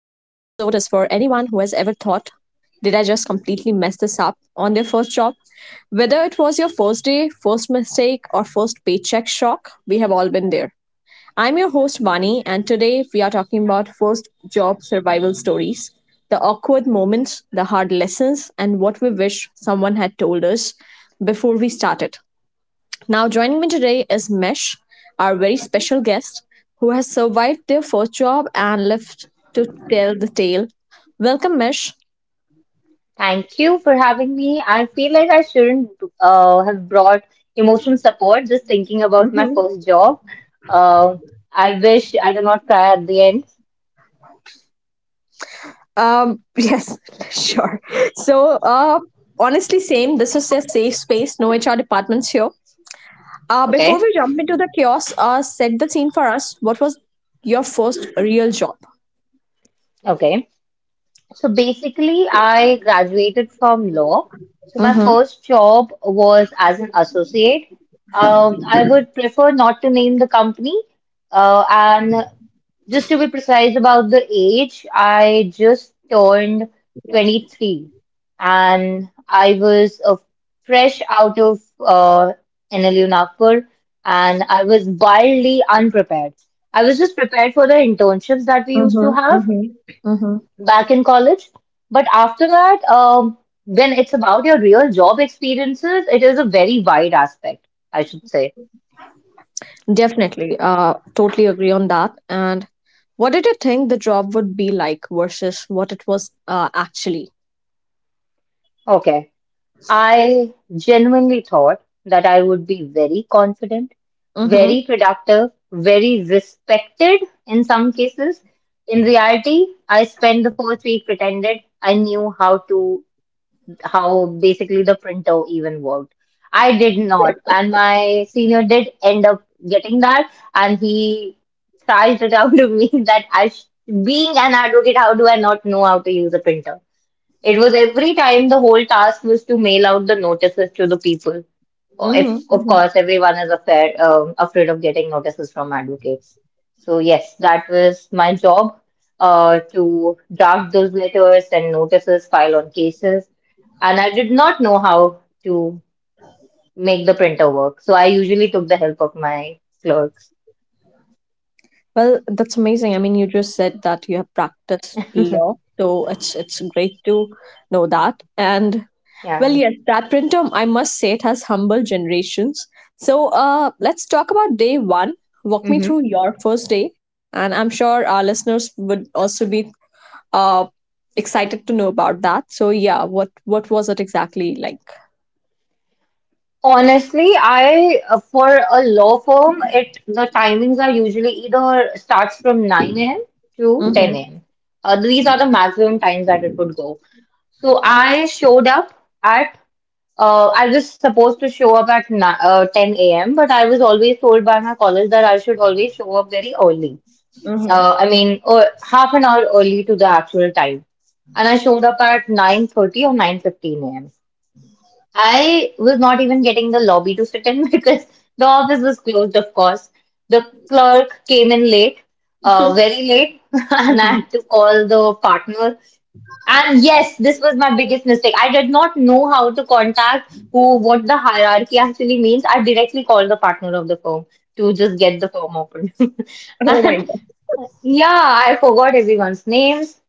is for anyone who has ever thought, did I just completely mess this up on their first job? Whether it was your first day, first mistake, or first paycheck shock, we have all been there. I'm your host, Vani, and today we are talking about first job survival stories, the awkward moments, the hard lessons, and what we wish someone had told us before we started. Now, joining me today is Mesh, our very special guest who has survived their first job and lived to tell the tale. Welcome, Mesh. Thank you for having me. I feel like I shouldn't have brought emotional support just thinking about my first job. Uh, I wish I did not cry at the end. Yes, sure. So, uh, Honestly, same. This is a safe space, no HR departments here. Before we Okay. jump into the chaos, set the scene for us. What was your first real job? Okay, so basically, I graduated from law. So my first job was as an associate. I would prefer not to name the company. And Just to be precise about the age, I just turned 23, and I was fresh out of NLU Nagpur, and I was wildly unprepared. I was just prepared for the internships that we used to Mm-hmm, have mm-hmm. Mm-hmm. back in college. But after that, when it's about your real job experiences, it is a very wide aspect, I should say. Definitely. Totally agree on that. And what did you think the job would be like versus what it was actually? Okay. I genuinely thought that I would be very confident, Mm-hmm, very productive, very respected in some cases. In reality, I spent the first week pretended I knew how to, how basically the printer even worked. I did not. And my senior did end up getting that. And he charged it out of me that being an advocate, how do I not know how to use a printer? It was every time the whole task was to mail out the notices to the people. If, mm-hmm, of mm-hmm. course, everyone is afraid, afraid of getting notices from advocates. So, yes, that was my job to draft those letters and notices, file on cases. And I did not know how to make the printer work. So, I usually took the help of my clerks. Well, that's amazing. I mean, you just said that you have practiced law, so it's great to know that. And, well, Yeah. yes, that printer, I must say, it has humbled generations. So, let's talk about day one. Walk me through hmm your first day, and I'm sure our listeners would also be uh, excited to know about that. So yeah, what was it exactly like? Honestly, I for a law firm, it the timings are usually either starts from 9 a.m. to Mm-hmm, 10 a.m. These are the maximum times that it would go. So I showed up at I was supposed to show up at 10 a.m. But I was always told by my college that I should always show up very early. Mm-hmm, I mean, half an hour early to the actual time. And I showed up at 9:30 or 9:15 a.m. I was not even getting the lobby to sit in because the office was closed, of course. The clerk came in late, very late, and I had mm-hmm. to call the partner. And yes, this was my biggest mistake. I did not know how to contact who, what the hierarchy actually means. I directly called the partner of the firm to just get the firm open. Oh my And god. yeah, I forgot everyone's names.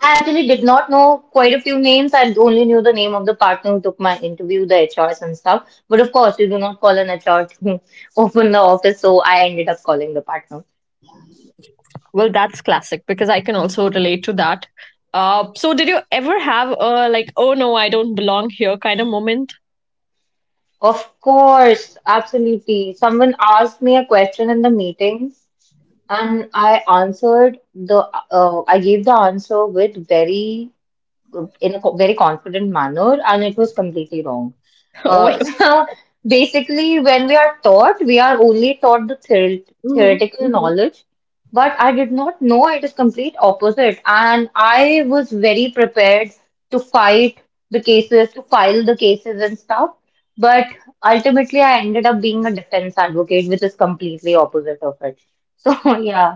I actually did not know quite a few names. I only knew the name of the partner who took my interview, the HRs and stuff. But of course, you do not call an HR to open the office, so I ended up calling the partner. Well, that's classic because I can also relate to that. So did you ever have a, like, oh no, I don't belong here kind of moment? Of course, absolutely. Someone asked me a question in the meeting, and I answered the I gave the answer with very very confident manner, and it was completely wrong. Oh my god. so basically, when we are taught, we are only taught the Mm-hmm, theoretical mm-hmm. knowledge, but I did not know it is complete opposite, and I was very prepared to fight the cases, to file the cases and stuff, but ultimately I ended up being a defense advocate, which is completely opposite of it. So yeah.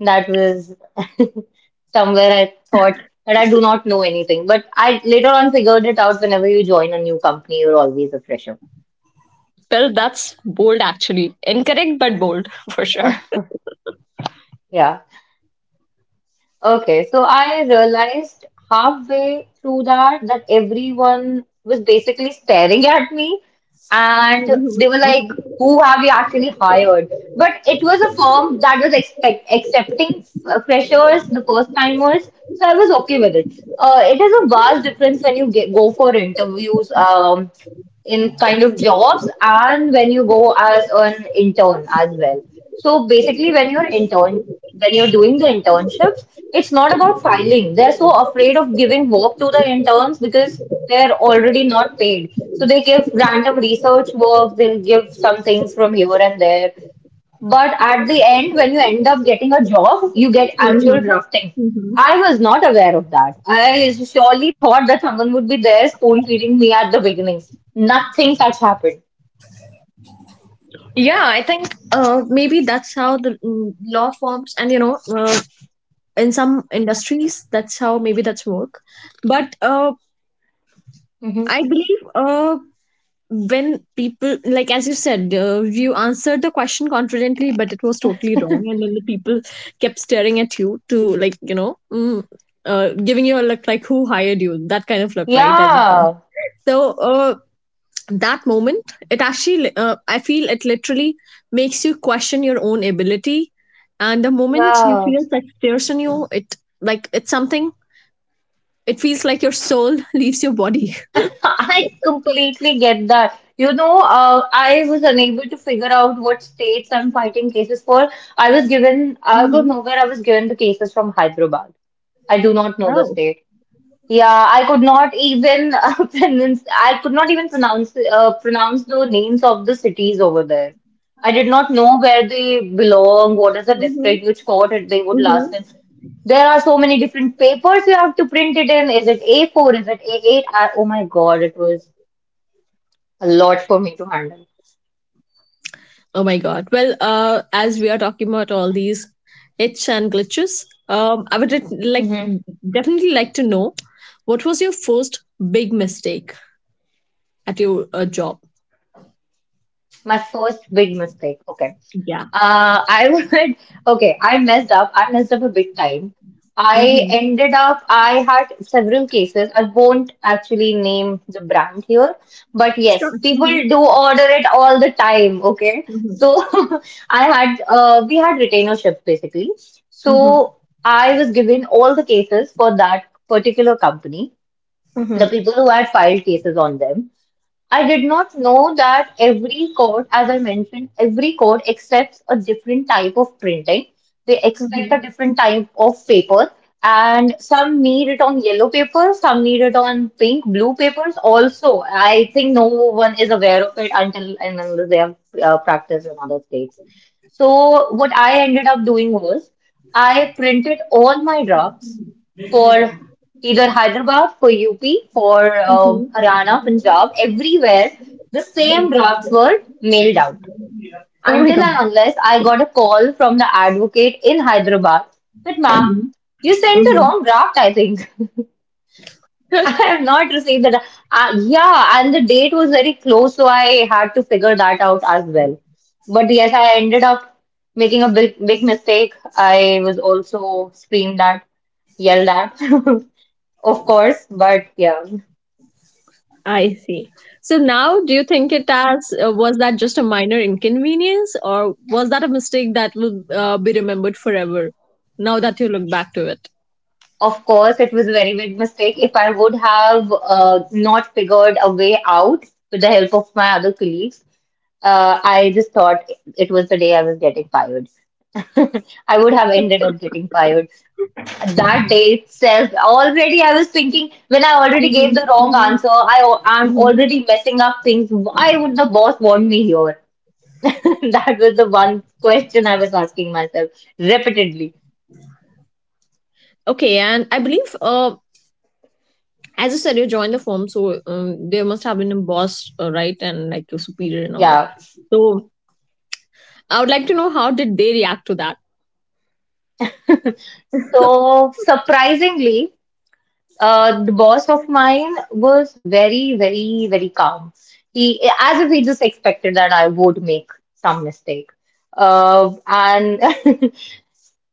That was somewhere I thought that I do not know anything. But I later on figured it out whenever you join a new company, you're always a fresher. Well, that's bold actually. Incorrect, but bold for sure. Yeah. Okay, so I realized halfway through that that everyone was basically staring at me and Mm-hmm, they were like, mm-hmm, who have you actually hired? But it was a firm that was expect accepting freshers, the first timers, so I was okay with it. It is a vast difference when you go for interviews. In kind of jobs and when you go as an intern as well. So basically when you're doing the internships, it's not about filing. They're so afraid of giving work to the interns because they're already not paid. So they give random research work, they'll give some things from here and there. But at the end, when you end up getting a job, you get actual mm-hmm. drafting. Mm-hmm. I was not aware of that. I surely thought that someone would be there spoon feeding me at the beginning. Nothing such happened. Yeah, I think maybe that's how the law forms, and you know, in some industries that's how maybe that's work, but hmm I believe, when people, like, as you said, you answered the question confidently but it was totally wrong, and then the people kept staring at you to, like, you know, giving you a look like who hired you, that kind of look, right, as you said. Yeah, So, uh, that moment, it actually I feel it literally makes you question your own ability, and the moment you yeah. feel such stares on you, it like it's something. It feels like your soul leaves your body. I completely get that. You know, I was unable to figure out what states I'm fighting cases for. I was given, out of Mm-hmm. nowhere, I was given the cases from Hyderabad. I do not know the Oh. state. Yeah, I could not even pronounce, I could not even pronounce pronounce the names of the cities over there. I did not know where they belong, what is the Mm-hmm. district, which court they would Mm-hmm. last in. There are so many different papers you have to print it in. Is it A4? Is it A8? I, oh my God, it was a lot for me to handle. Oh my god. Well, as we are talking about all these itch and glitches, I would like hmm definitely like to know, what was your first big mistake at your job? My first big mistake. Okay. Yeah. Uh, I would, okay, I messed up. I messed up a big time. I Mm-hmm. ended up, I had several cases. I won't actually name the brand here, but Sure. yes, people Mm-hmm. do order it all the time, okay? Mm-hmm. So I had, we had retainership basically. Mm-hmm. So I was given all the cases for that particular company, the Mm-hmm. people who had filed cases on them. I did not know that every code, as I mentioned, every code accepts a different type of printing. They expect a Mm-hmm. different type of paper, and some need it on yellow paper, some need it on pink, blue papers. Also, I think no one is aware of it until and unless they have practiced in other states. So, what I ended up doing was I printed all my drafts for either Hyderabad for UP, for Mm-hmm. Haryana, Punjab, everywhere, the same drafts were mailed out. Oh my Until god. and unless I got a call from the advocate in Hyderabad that, ma'am, Mm-hmm. you sent the Mm-hmm. wrong draft, I think. I have not received the yeah, and the date was very close, so I had to figure that out as well. But yes, I ended up making a big, big mistake. I was also screamed at, yelled at, of course, but yeah. I see. So now, do you think it as was that just a minor inconvenience, or was that a mistake that will be remembered forever? Now that you look back to it. Of course, it was a very big mistake. If I would have not figured a way out with the help of my other colleagues, I just thought it was the day I was getting fired. I would have ended up getting fired. That day itself, already I was thinking when I already gave Mhm, the wrong mhm, answer, I'm mhm. already messing up things. Why would the boss want me here? That was the one question I was asking myself repeatedly. Okay, and I believe, as you said, you joined the firm, so there must have been a boss, right, and like your superior and all. Yeah. So I would like to know, how did they react to that? So surprisingly, the boss of mine was very, very, very calm. He, as if he just expected that I would make some mistake. And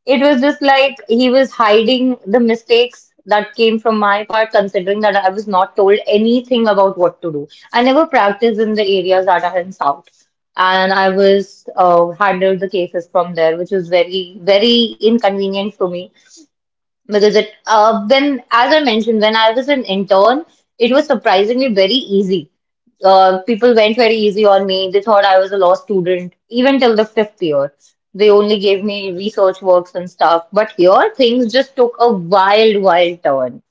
it was just like he was hiding the mistakes that came from my part, considering that I was not told anything about what to do. I never practiced in the areas that are in South, and I was handled the cases from there, which was very, very inconvenient for me because it when as I mentioned when I was an intern it was surprisingly very easy. People went very easy on me. They thought I was a law student even till the 5th year. They only gave me research works and stuff. But here things just took a wild, wild turn.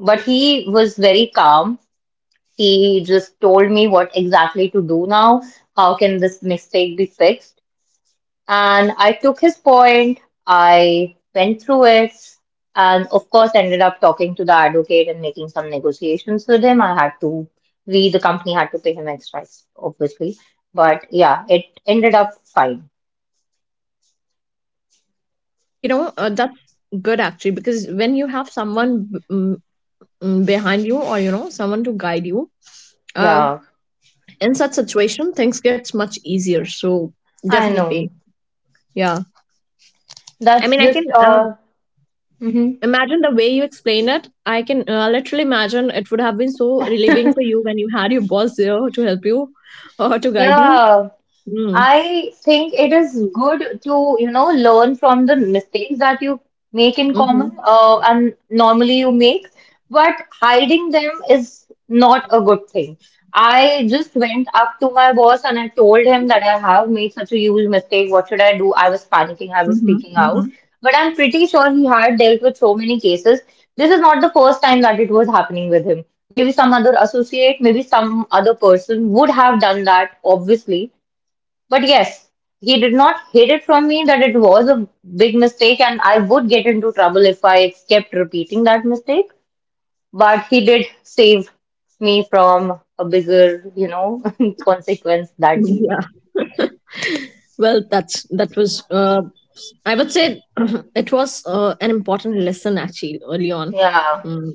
But he was very calm. He just told me what exactly to do now. How can this mistake be fixed? And I took his point, I went through it, and of course, ended up talking to the advocate and making some negotiations with him. We, the company, had to pay him extra, obviously. But yeah, it ended up fine. You know, that's good actually, because when you have someone behind you, or, you know, someone to guide you, uh, Yeah, in such situation things gets much easier, so I know. definitely. Yeah, I That's mean, I can just, uh, mhm. imagine. The way you explain it, I can literally imagine it would have been so relieving for you when you had your boss there to help you or to guide you. yeah, Mm. I think it is good to, you know, learn from the mistakes that you make in common, Mm-hmm. And normally you make, but hiding them is not a good thing. I just went up to my boss and I told him that I have made such a huge mistake. What should I do? I was panicking, I was Mm-hmm. speaking out. Mm-hmm. But I'm pretty sure he had dealt with so many cases. This is not the first time that it was happening with him. Maybe some other associate, maybe some other person would have done that, obviously. But yes, he did not hid it from me that it was a big mistake, and I would get into trouble if I kept repeating that mistake. But he did save me from a bigger, you know, consequence that Mm-hmm. day. Yeah. Well, that was I would say it was an important lesson actually, early on. Yeah, Hmm.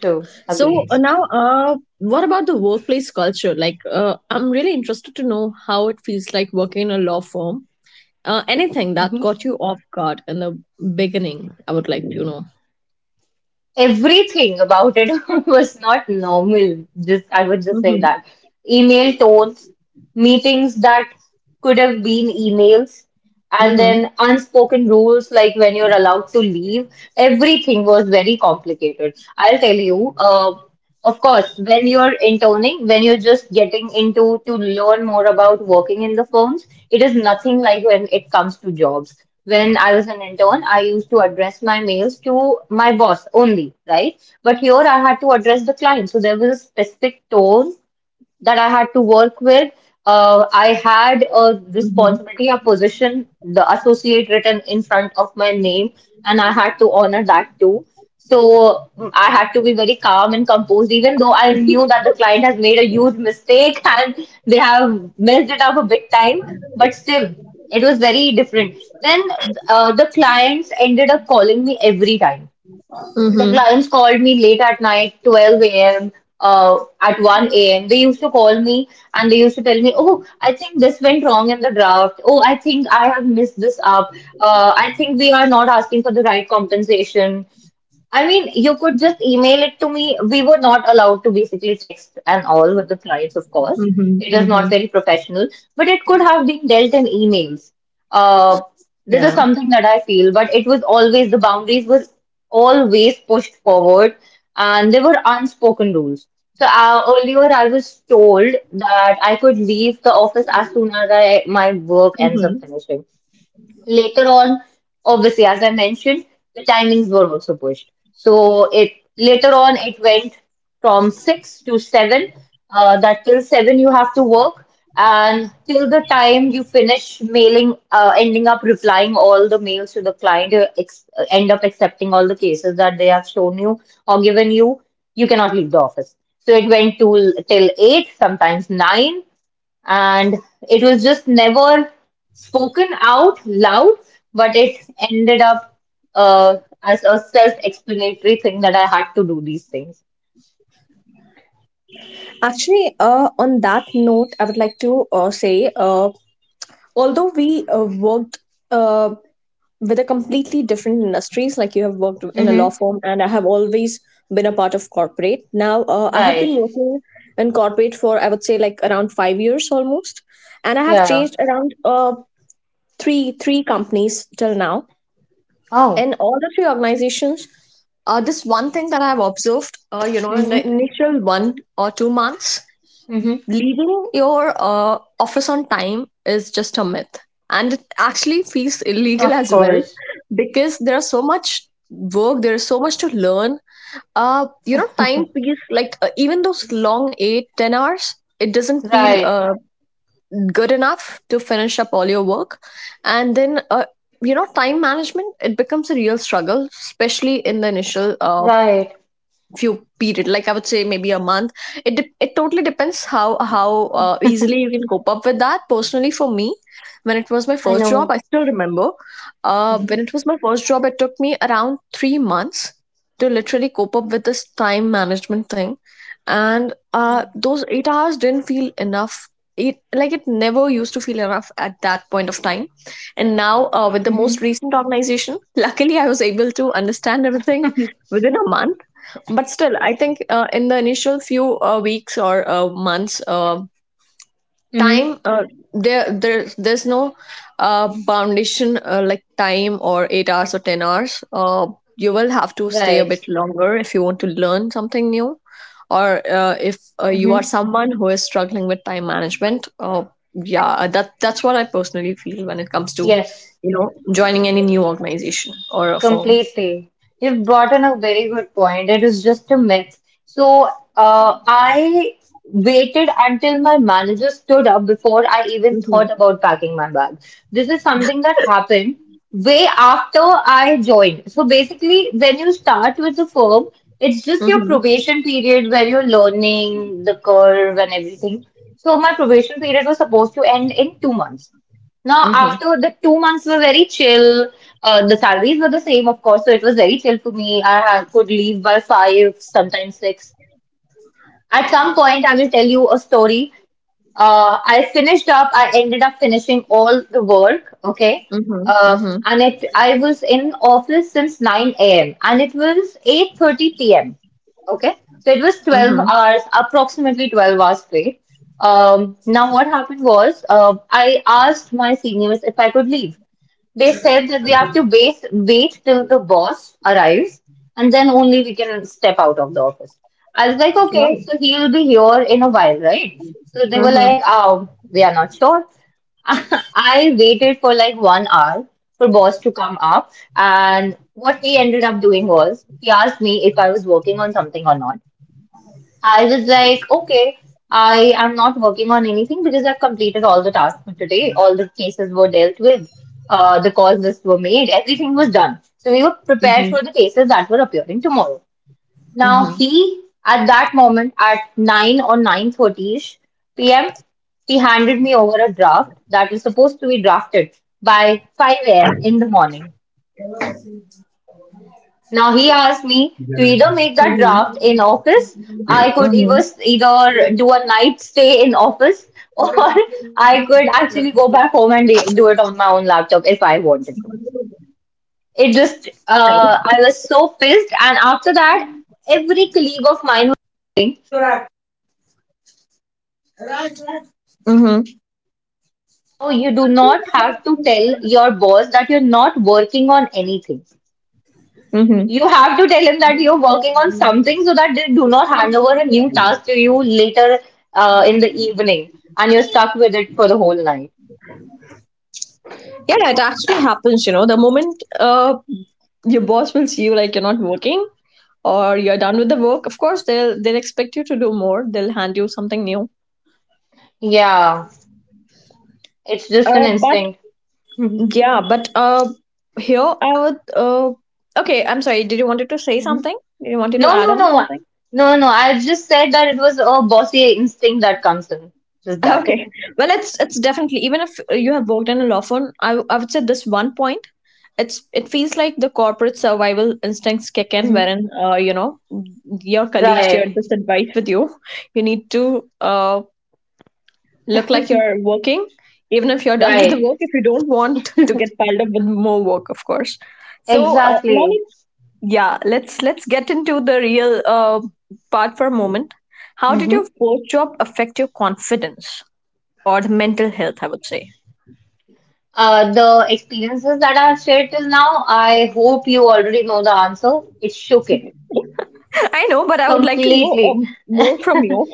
true. So Agreed. Now, what about the workplace culture? Like, I'm really interested to know how it feels like working in a law firm. Anything that caught you off guard in the beginning, I would like to know. Everything about it was not normal. Just I would just say Mm-hmm. that. Email tones, meetings that could have been emails, and Mm-hmm. then unspoken rules like when you're allowed to leave. Everything was very complicated. I'll tell you, of course, when you're interning, when you're just getting into to learn more about working in the firms, it is nothing like when it comes to jobs. When I was an intern, I used to address my mails to my boss only, right? But here I had to address the client. So there was a specific tone that I had to work with. I had a Mm-hmm. responsibility, a position, the associate written in front of my name, and I had to honor that too. So I had to be very calm and composed, even though I knew that the client has made a huge mistake and they have messed it up a big time. But still, it was very different. Then the clients ended up calling me every time. The Mm-hmm. clients called me late at night, 12 a.m., at 1 a.m. They used to call me and they used to tell me, "Oh, I think this went wrong in the draft. Oh, I think I have messed this up. I think we are not asking for the right compensation." I mean, you could just email it to me. We were not allowed to basically text and all with the clients, of course. Mm-hmm. It is not Mm-hmm. very professional, but it could have been dealt in emails. Uh, this is Yeah. something that I feel, but it was always, the boundaries were always pushed forward, and there were unspoken rules. So earlier, I was told that I could leave the office as soon as I my work ends up Mm-hmm. finishing. Later on, obviously, as I mentioned, the timings were also pushed. So it later on it went from six to seven. That till seven you have to work, and till the time you finish mailing, ending up replying all the mails to the client, you ex end up accepting all the cases that they have shown you or given you. You cannot leave the office. So it went to till eight, sometimes nine, and it was just never spoken out loud, but it ended up, uh, as a self-explanatory thing, that I had to do these things. Actually, on that note, I would like to say, although we worked uh, with a completely different industries, like you have worked in a law Mm-hmm. firm and I have always been a part of corporate. Now I have been Right. working in corporate for, I would say, like, around 5 years almost, and I have Yeah. changed around three companies till now. Oh. In all the three organizations, this one thing that I have observed, you know, in the Mm-hmm. initial 1 or 2 months, Mm-hmm. leaving your office on time is just a myth. And it actually feels illegal Of as well, course. because there are so much work, there is so much to learn. You know, time feels like, even those long 8, 10 hours, it doesn't feel Right. Good enough to finish up all your work. And then, you know, time management, it becomes a real struggle, especially in the initial Right. few period, like, I would say, maybe a month. It totally depends how how easily you can cope up with that. Personally for me, when it was my I first job, know. I still remember, Mm-hmm. when it was my first job it took me around 3 months to literally cope up with this time management thing. And uh, those 8 hours didn't feel enough. It like it never used to feel enough at that point of time. And now with the most Mm-hmm. recent organization, luckily I was able to understand everything within a month. But still, I think in the initial few weeks or months, Mm-hmm. time, there's no foundation, like time or 8 hours or 10 hours, you will have to stay a Right. bit longer if you want to learn something new, or if you are Mm-hmm. someone who is struggling with time management. Yeah, that that's what I personally feel when it comes to, Yes. you know, joining any new organization or a firm. Completely. You've brought in a very good point. It is just a myth. So, I waited until my manager stood up before I even thought Hmm about packing my bag. This is something that happened way after I joined. So, basically, when you start with the firm, it's just your hmm probation period where you're learning the curve and everything. So, my probation period was supposed to end in 2 months. Now, hmm after the 2 months were very chill. The salaries were the same, of course, so it was very chill for me. I had, could leave by five, sometimes six. At some point, I will tell you a story. I ended up finishing all the work, okay? hmm Uh, hmm and I was in office since 9 a.m. and it was 8:30 p.m. Okay, so it was 12 hmm. hours, approximately 12 hours straight. Now what happened was, I asked my seniors if I could leave. They said that we have to wait till the boss arrives and then only we can step out of the office. I was like, "Okay, Mhm, so he'll be here in a while, right?" So they were mhm, like, "Oh, we are not sure." I waited for like 1 hour for boss to come up, and what he ended up doing was, he asked me if I was working on something or not. I was like, "Okay, I am not working on anything because I've completed all the tasks for today. All the cases were dealt with. The calls lists were made. Everything was done. So we were prepared for mhm, the cases that were appearing tomorrow." Now he, at that moment, at 9 or 9:30ish p.m., he handed me over a draft that was supposed to be drafted by 5 a.m. in the morning. Now he asked me to either make that draft in office. I could either mhm. either do a night stay in office, or I could actually go back home and do it on my own laptop if I wanted to. It just Right. I was so pissed, and after that, every colleague of mine was. Mhm, So you do not have to tell your boss that you're not working on anything. mhm. You have to tell him that you're working on something so that they do not hand over a new task to you later, in the evening, and you're stuck with it for the whole night. Yeah, it actually happens, you know. The moment your boss will see you, like, you're not working or you're done with the work, of course they'll expect you to do more. They'll hand you something new. Yeah, it's just an But instinct. Mhm, yeah, but here I would okay, I'm sorry. Did you wanted to say mhm. something? Did you wanted to No, add no, on no. No, something? no, no. I just said that it was a bossy instinct that comes in. Just that. Okay. Well, it's definitely, even if you have worked in a law firm, I would say this one point, it's it feels like the corporate survival instincts kick in, Hmm. wherein, you know, your colleague Right, shared this advice with you. You need to look like you're working, even if you're done with the right. work, if you don't want to get piled up with more work, of course. So now Exactly. let's, yeah, let's get into the real part for a moment. How did your Mm-hmm. first job affect your confidence, or the mental health, I would say? The experiences that I've shared till now, I hope you already know the answer. It shook it I know, but I would like to know, completely. More from you.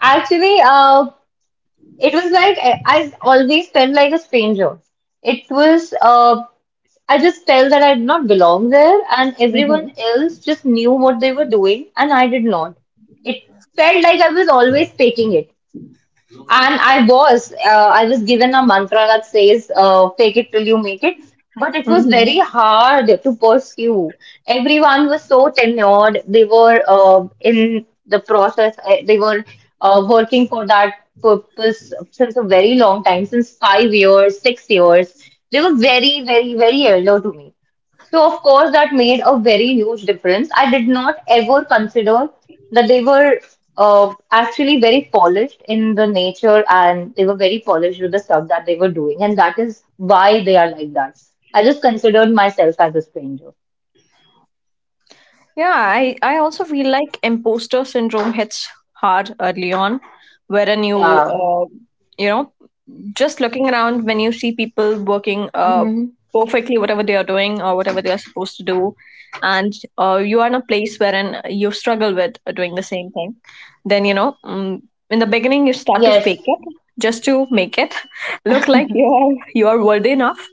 Actually, it was like I always felt like a stranger. It was, I just felt that I did not belong there, and everyone Hmm else just knew what they were doing, and I did not. It felt like I was always faking it. And I was given a mantra that says, fake it till you make it. But it was hmm. very hard to pursue. Everyone was so tenured. They were in the process, they were working for that purpose since a very long time, since 5 years, 6 years. They were very, very, very elder to me. So, of course, that made a very huge difference. I did not ever consider that they were actually very polished in the nature and they were very polished with the stuff that they were doing. And that is why they are like that. I just considered myself as a stranger. Yeah, I also feel like imposter syndrome hits hard early on, wherein Yeah. You know, just looking around when you see people working Hmm. perfectly, whatever they are doing or whatever they are supposed to do, and you are in a place wherein you struggle with doing the same thing, then you know in the beginning you start to Yes. fake it, just to make it look like you are worthy enough.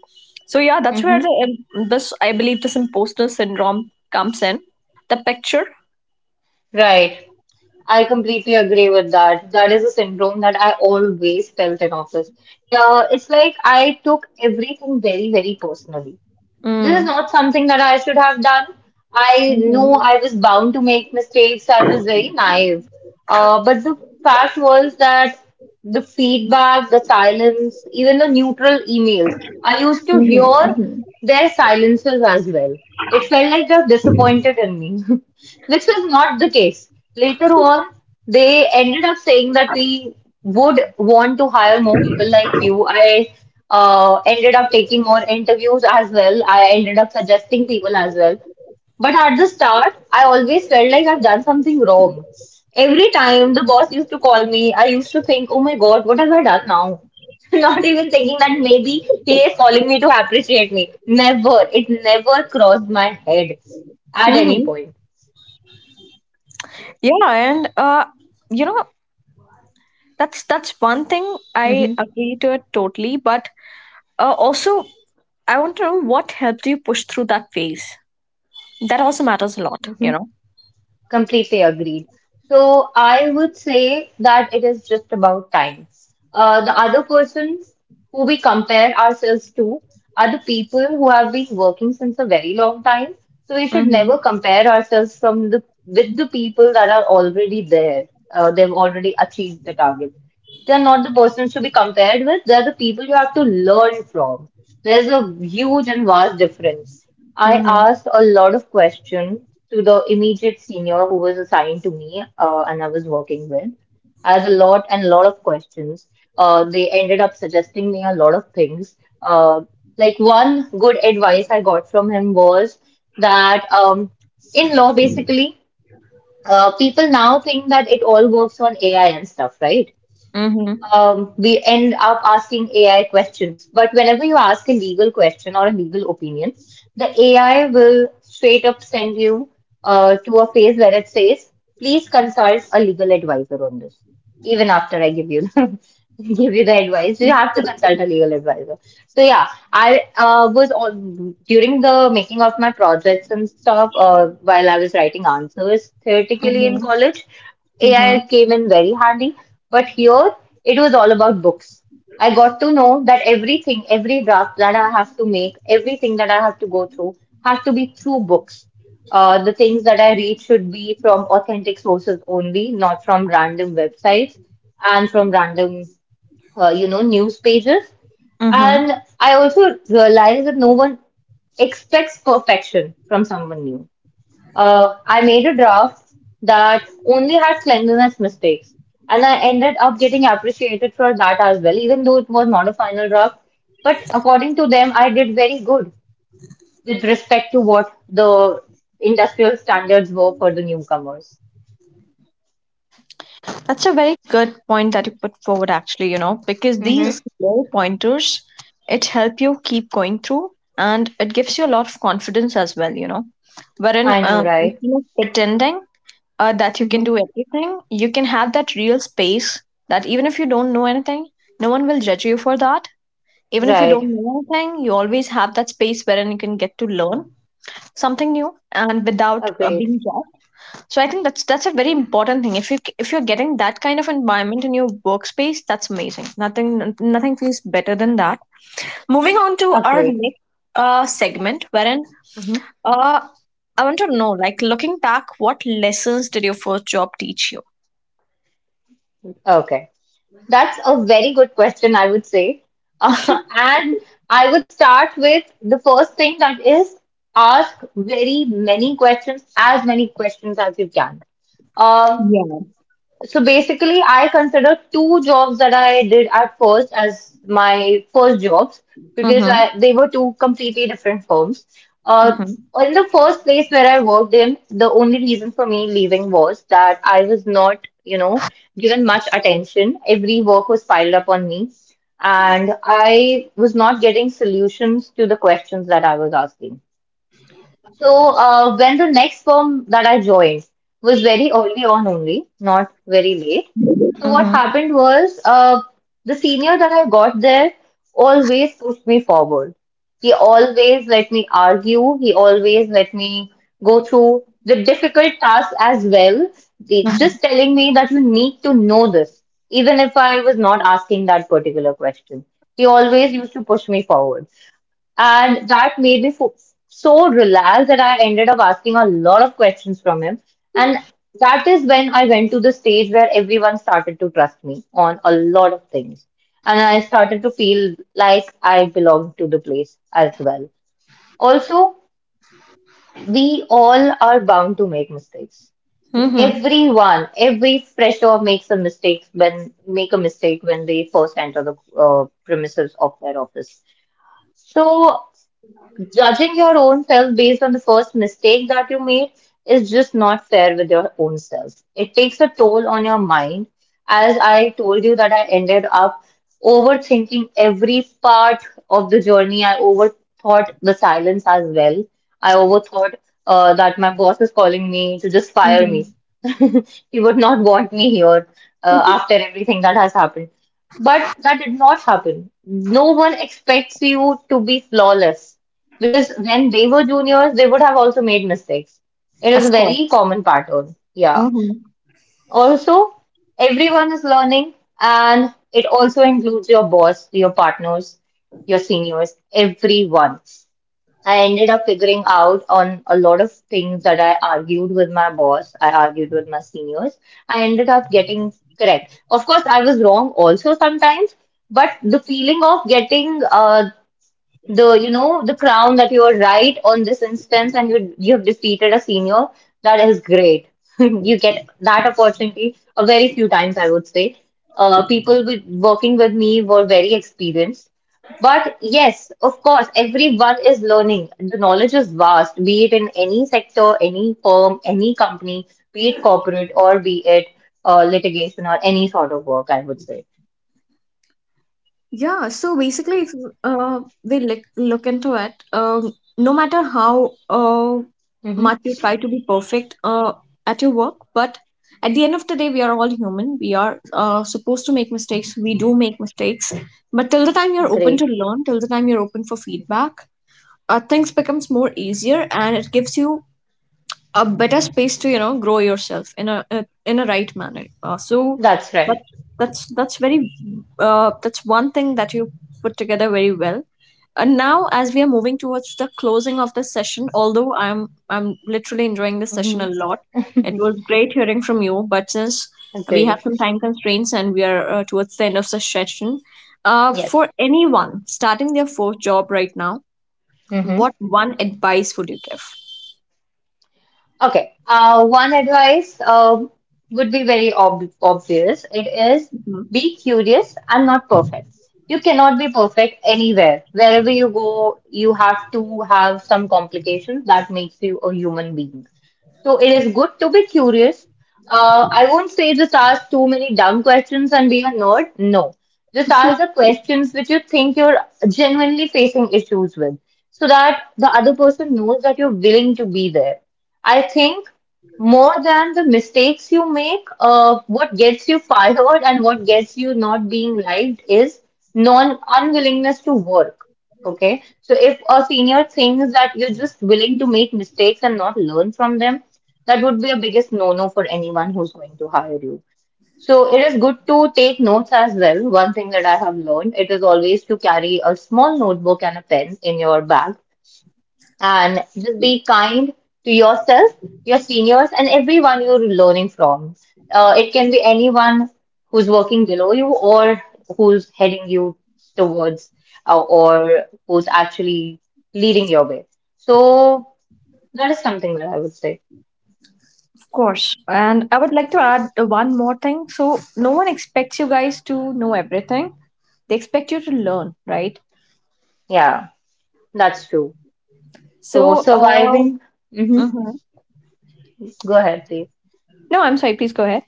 So yeah, that's where Hmm. the this, I believe, this imposter syndrome comes in the picture. Right. I completely agree with that. That is a syndrome that I always felt in office. It's like I took everything very, very personally. This is Mm. not something that I should have done. I know Hmm I was bound to make mistakes. I was very naive. But the fact was that the feedback, the silence, even the neutral emails, I used to hear their silences as well. It felt like they're disappointed in me, which was not the case. Later on, they ended up saying that we would want to hire more people like you. I ended up taking more interviews as well. I ended up suggesting people as well. But at the start, I always felt like I've done something wrong. Every time the boss used to call me, I used to think, oh my God, what have I done now? Not even thinking that maybe he is calling me to appreciate me. Never. It never crossed my head at any hmm. point. Yeah, and you know, that's one thing I Hmm. agree to it totally. But also, I want to know what helped you push through that phase. That also matters a lot, you know. Completely agreed. So I would say that it is just about time. The other persons who we compare ourselves to are the people who have been working since a very long time. So we should never Mhm. compare ourselves from the with the people that are already there. They've already achieved the target. They're not the persons to be compared with. They're the people you have to learn from. There's a huge and vast difference. I Mhm. asked a lot of questions to the immediate senior who was assigned to me, and I was working with. I had a lot and lot of questions. They ended up suggesting me a lot of things. Uh, like one good advice I got from him was that, in law, basically, people now think that it all works on AI and stuff, right? Mhm. We end up asking AI questions. But whenever you ask a legal question or a legal opinion, the AI will straight up send you to a phase where it says, "Please consult a legal advisor on this." Even after I give you give you the advice, you have to consult a legal advisor. So yeah, I was on, during the making of my projects and stuff. While I was writing answers theoretically in Mhm. college, Mhm. AI came in very handy, but here it was all about books. I got to know that everything, every draft that I have to make, everything that I have to go through, has to be through books. The things that I read should be from authentic sources only, not from random websites and from random, news pages. Mhm. And I also realized that no one expects perfection from someone new. I made a draft that only had cleanliness mistakes, and I ended up getting appreciated for that as well, even though it was not a final draft. But according to them, I did very good with respect to what the industrial standards were for the newcomers. That's a very good point that you put forward, actually. You know, because these Mm-hmm. small pointers, it help you keep going through, and it gives you a lot of confidence as well. You know, wherein, I know, right? instead of pretending that you can do Mm-hmm. anything, you can have that real space that even if you don't know anything, no one will judge you for that. Even if you Right. don't know anything, you always have that space wherein you can get to learn something new and without Agreed. being judged. So I think that's a very important thing. If you're getting that kind of environment in your workspace, that's amazing. Nothing feels better than that. Moving on to our Agreed. next segment, wherein Mm-hmm. uh, I want to know, like, looking back, what lessons did your first job teach you? Okay. That's a very good question, I would say. Uh, and I would start with the first thing that is ask very many questions as you can. Um, Yeah. so basically, I consider two jobs that I did at first as my first jobs because Mm-hmm. They were two completely different firms. Uh, Mm-hmm. in the first place where I worked in, the only reason for me leaving was that I was not, you know, given much attention. Every work was piled up on me, and I was not getting solutions to the questions that I was asking. So, when the next firm that I joined was very early on only, not very late. So, what Mm-hmm. happened was, the senior that I got there always pushed me forward. He always let me argue, he always let me go through the difficult tasks as well. They, Mm-hmm. just telling me that you need to know this, even if I was not asking that particular question. He always used to push me forward. And that made me so relaxed that I ended up asking a lot of questions from him. And that is when I went to the stage where everyone started to trust me on a lot of things. And I started to feel like I belonged to the place as well. Also, we all are bound to make mistakes. Mm-hmm. Everyone, every fresher makes a mistake when they first enter the premises of their office. So judging your own self based on the first mistake that you made is just not fair with your own self. It takes a toll on your mind. As I told you that I ended up overthinking every part of the journey. I overthought the silence as well. I overthought, that my boss is calling me to just fire me. Mm-hmm. He would not want me here after everything that has happened. But that did not happen. No one expects you to be flawless. Because when they were juniors, they would have also made mistakes. It is a Of course. very common pattern. Yeah. Mm-hmm. Also, everyone is learning, and it also includes your boss, your partners, your seniors, everyone. I ended up figuring out on a lot of things that I argued with my boss, I argued with my seniors. I ended up getting correct. Of course, I was wrong also sometimes, but the feeling of getting, the, you know, the crown that you were right on this instance and you've defeated a senior, that is great. You get that opportunity a very few times, I would say. People working with me were very experienced, but yes, of course, everyone is learning. The knowledge is vast, be it in any sector, any firm, any company, be it corporate or be it litigation or any sort of work, I would say. Yeah, so basically, if we look into it, no matter how much Hmm. you try to be perfect at your work, but at the end of the day, we are all human. We are supposed to make mistakes. We do make mistakes. But till the time you're open to Great. learn, till the time you're open for feedback, things becomes more easier, and it gives you a better space to, you know, grow yourself in a right manner. So That's that, right. that's very, that's one thing that you put together very well. And now, as we are moving towards the closing of the session, although I'm literally enjoying this session Hmm. a lot, it was great hearing from you, but since we have Great. some time constraints and we are towards the end of the session, Yes. for anyone starting their fourth job right now, Hmm. what one advice would you give? Okay. One advice, would be very ob obvious. It is Mm-hmm. be curious and not perfect. You cannot be perfect anywhere. Wherever you go, you have to have some complications that makes you a human being. So it is good to be curious. I won't say just ask too many dumb questions and be a nerd. No. Just ask the questions which you think you're genuinely facing issues with so that the other person knows that you're willing to be there. I think more than the mistakes you make, what gets you fired and what gets you not being liked is non unwillingness to work. Okay, so if a senior thinks that you're just willing to make mistakes and not learn from them, that would be a biggest no-no for anyone who's going to hire you. So it is good to take notes as well. One thing that I have learned, it is always to carry a small notebook and a pen in your bag, and just be kind to yourself, your seniors, and everyone you're learning from. It can be anyone who's working below you or who's heading you towards, or who's actually leading your way. So that is something that I would say. Course. And I would like to add one more thing. So, no one expects you guys to know everything, they expect you to learn, right? Yeah, that's true. So So, surviving. Hmm. mhm. Go ahead, please. No, I'm sorry, please go ahead.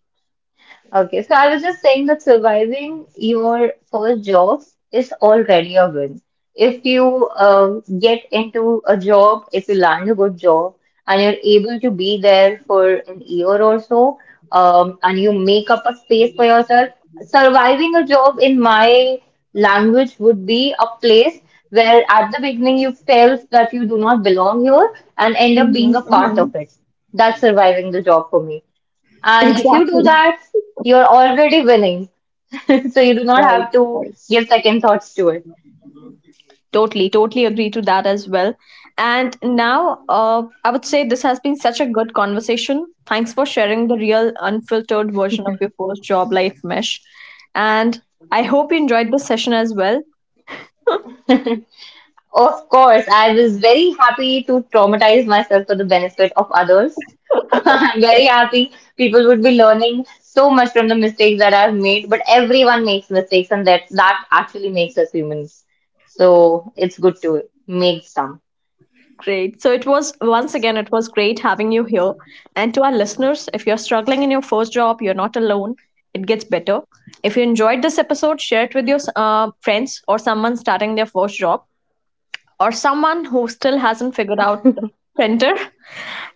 Okay, so I was just saying that surviving your first job is already a win. If you get into a job, if you land a good job, and you're able to be there for an year or so, and you make up a space for yourself, surviving a job in my language would be a place where at the beginning you felt that you do not belong here and end up Mhm, being a part mhm. of it. That's surviving the job for me. And if you do Exactly. that, you're already winning. So you do not Right, have to right. give second thoughts to it. Totally, totally agree to that as well. And now, I would say, this has been such a good conversation. Thanks for sharing the real, unfiltered version of your post job life, Mesh. And I hope you enjoyed this session as well. Of course, I was very happy to traumatize myself for the benefit of others. I'm very happy people would be learning so much from the mistakes that I've made, but everyone makes mistakes, and that actually makes us humans. So it's good to make some. Great. So it was, once again, it was great having you here. And to our listeners, if you're struggling in your first job, you're not alone. It gets better. If you enjoyed this episode, share it with your friends, or someone starting their first job, or someone who still hasn't figured out the printer.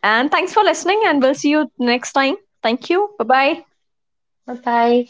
And thanks for listening, and we'll see you next time. Thank you. Bye bye. Bye bye.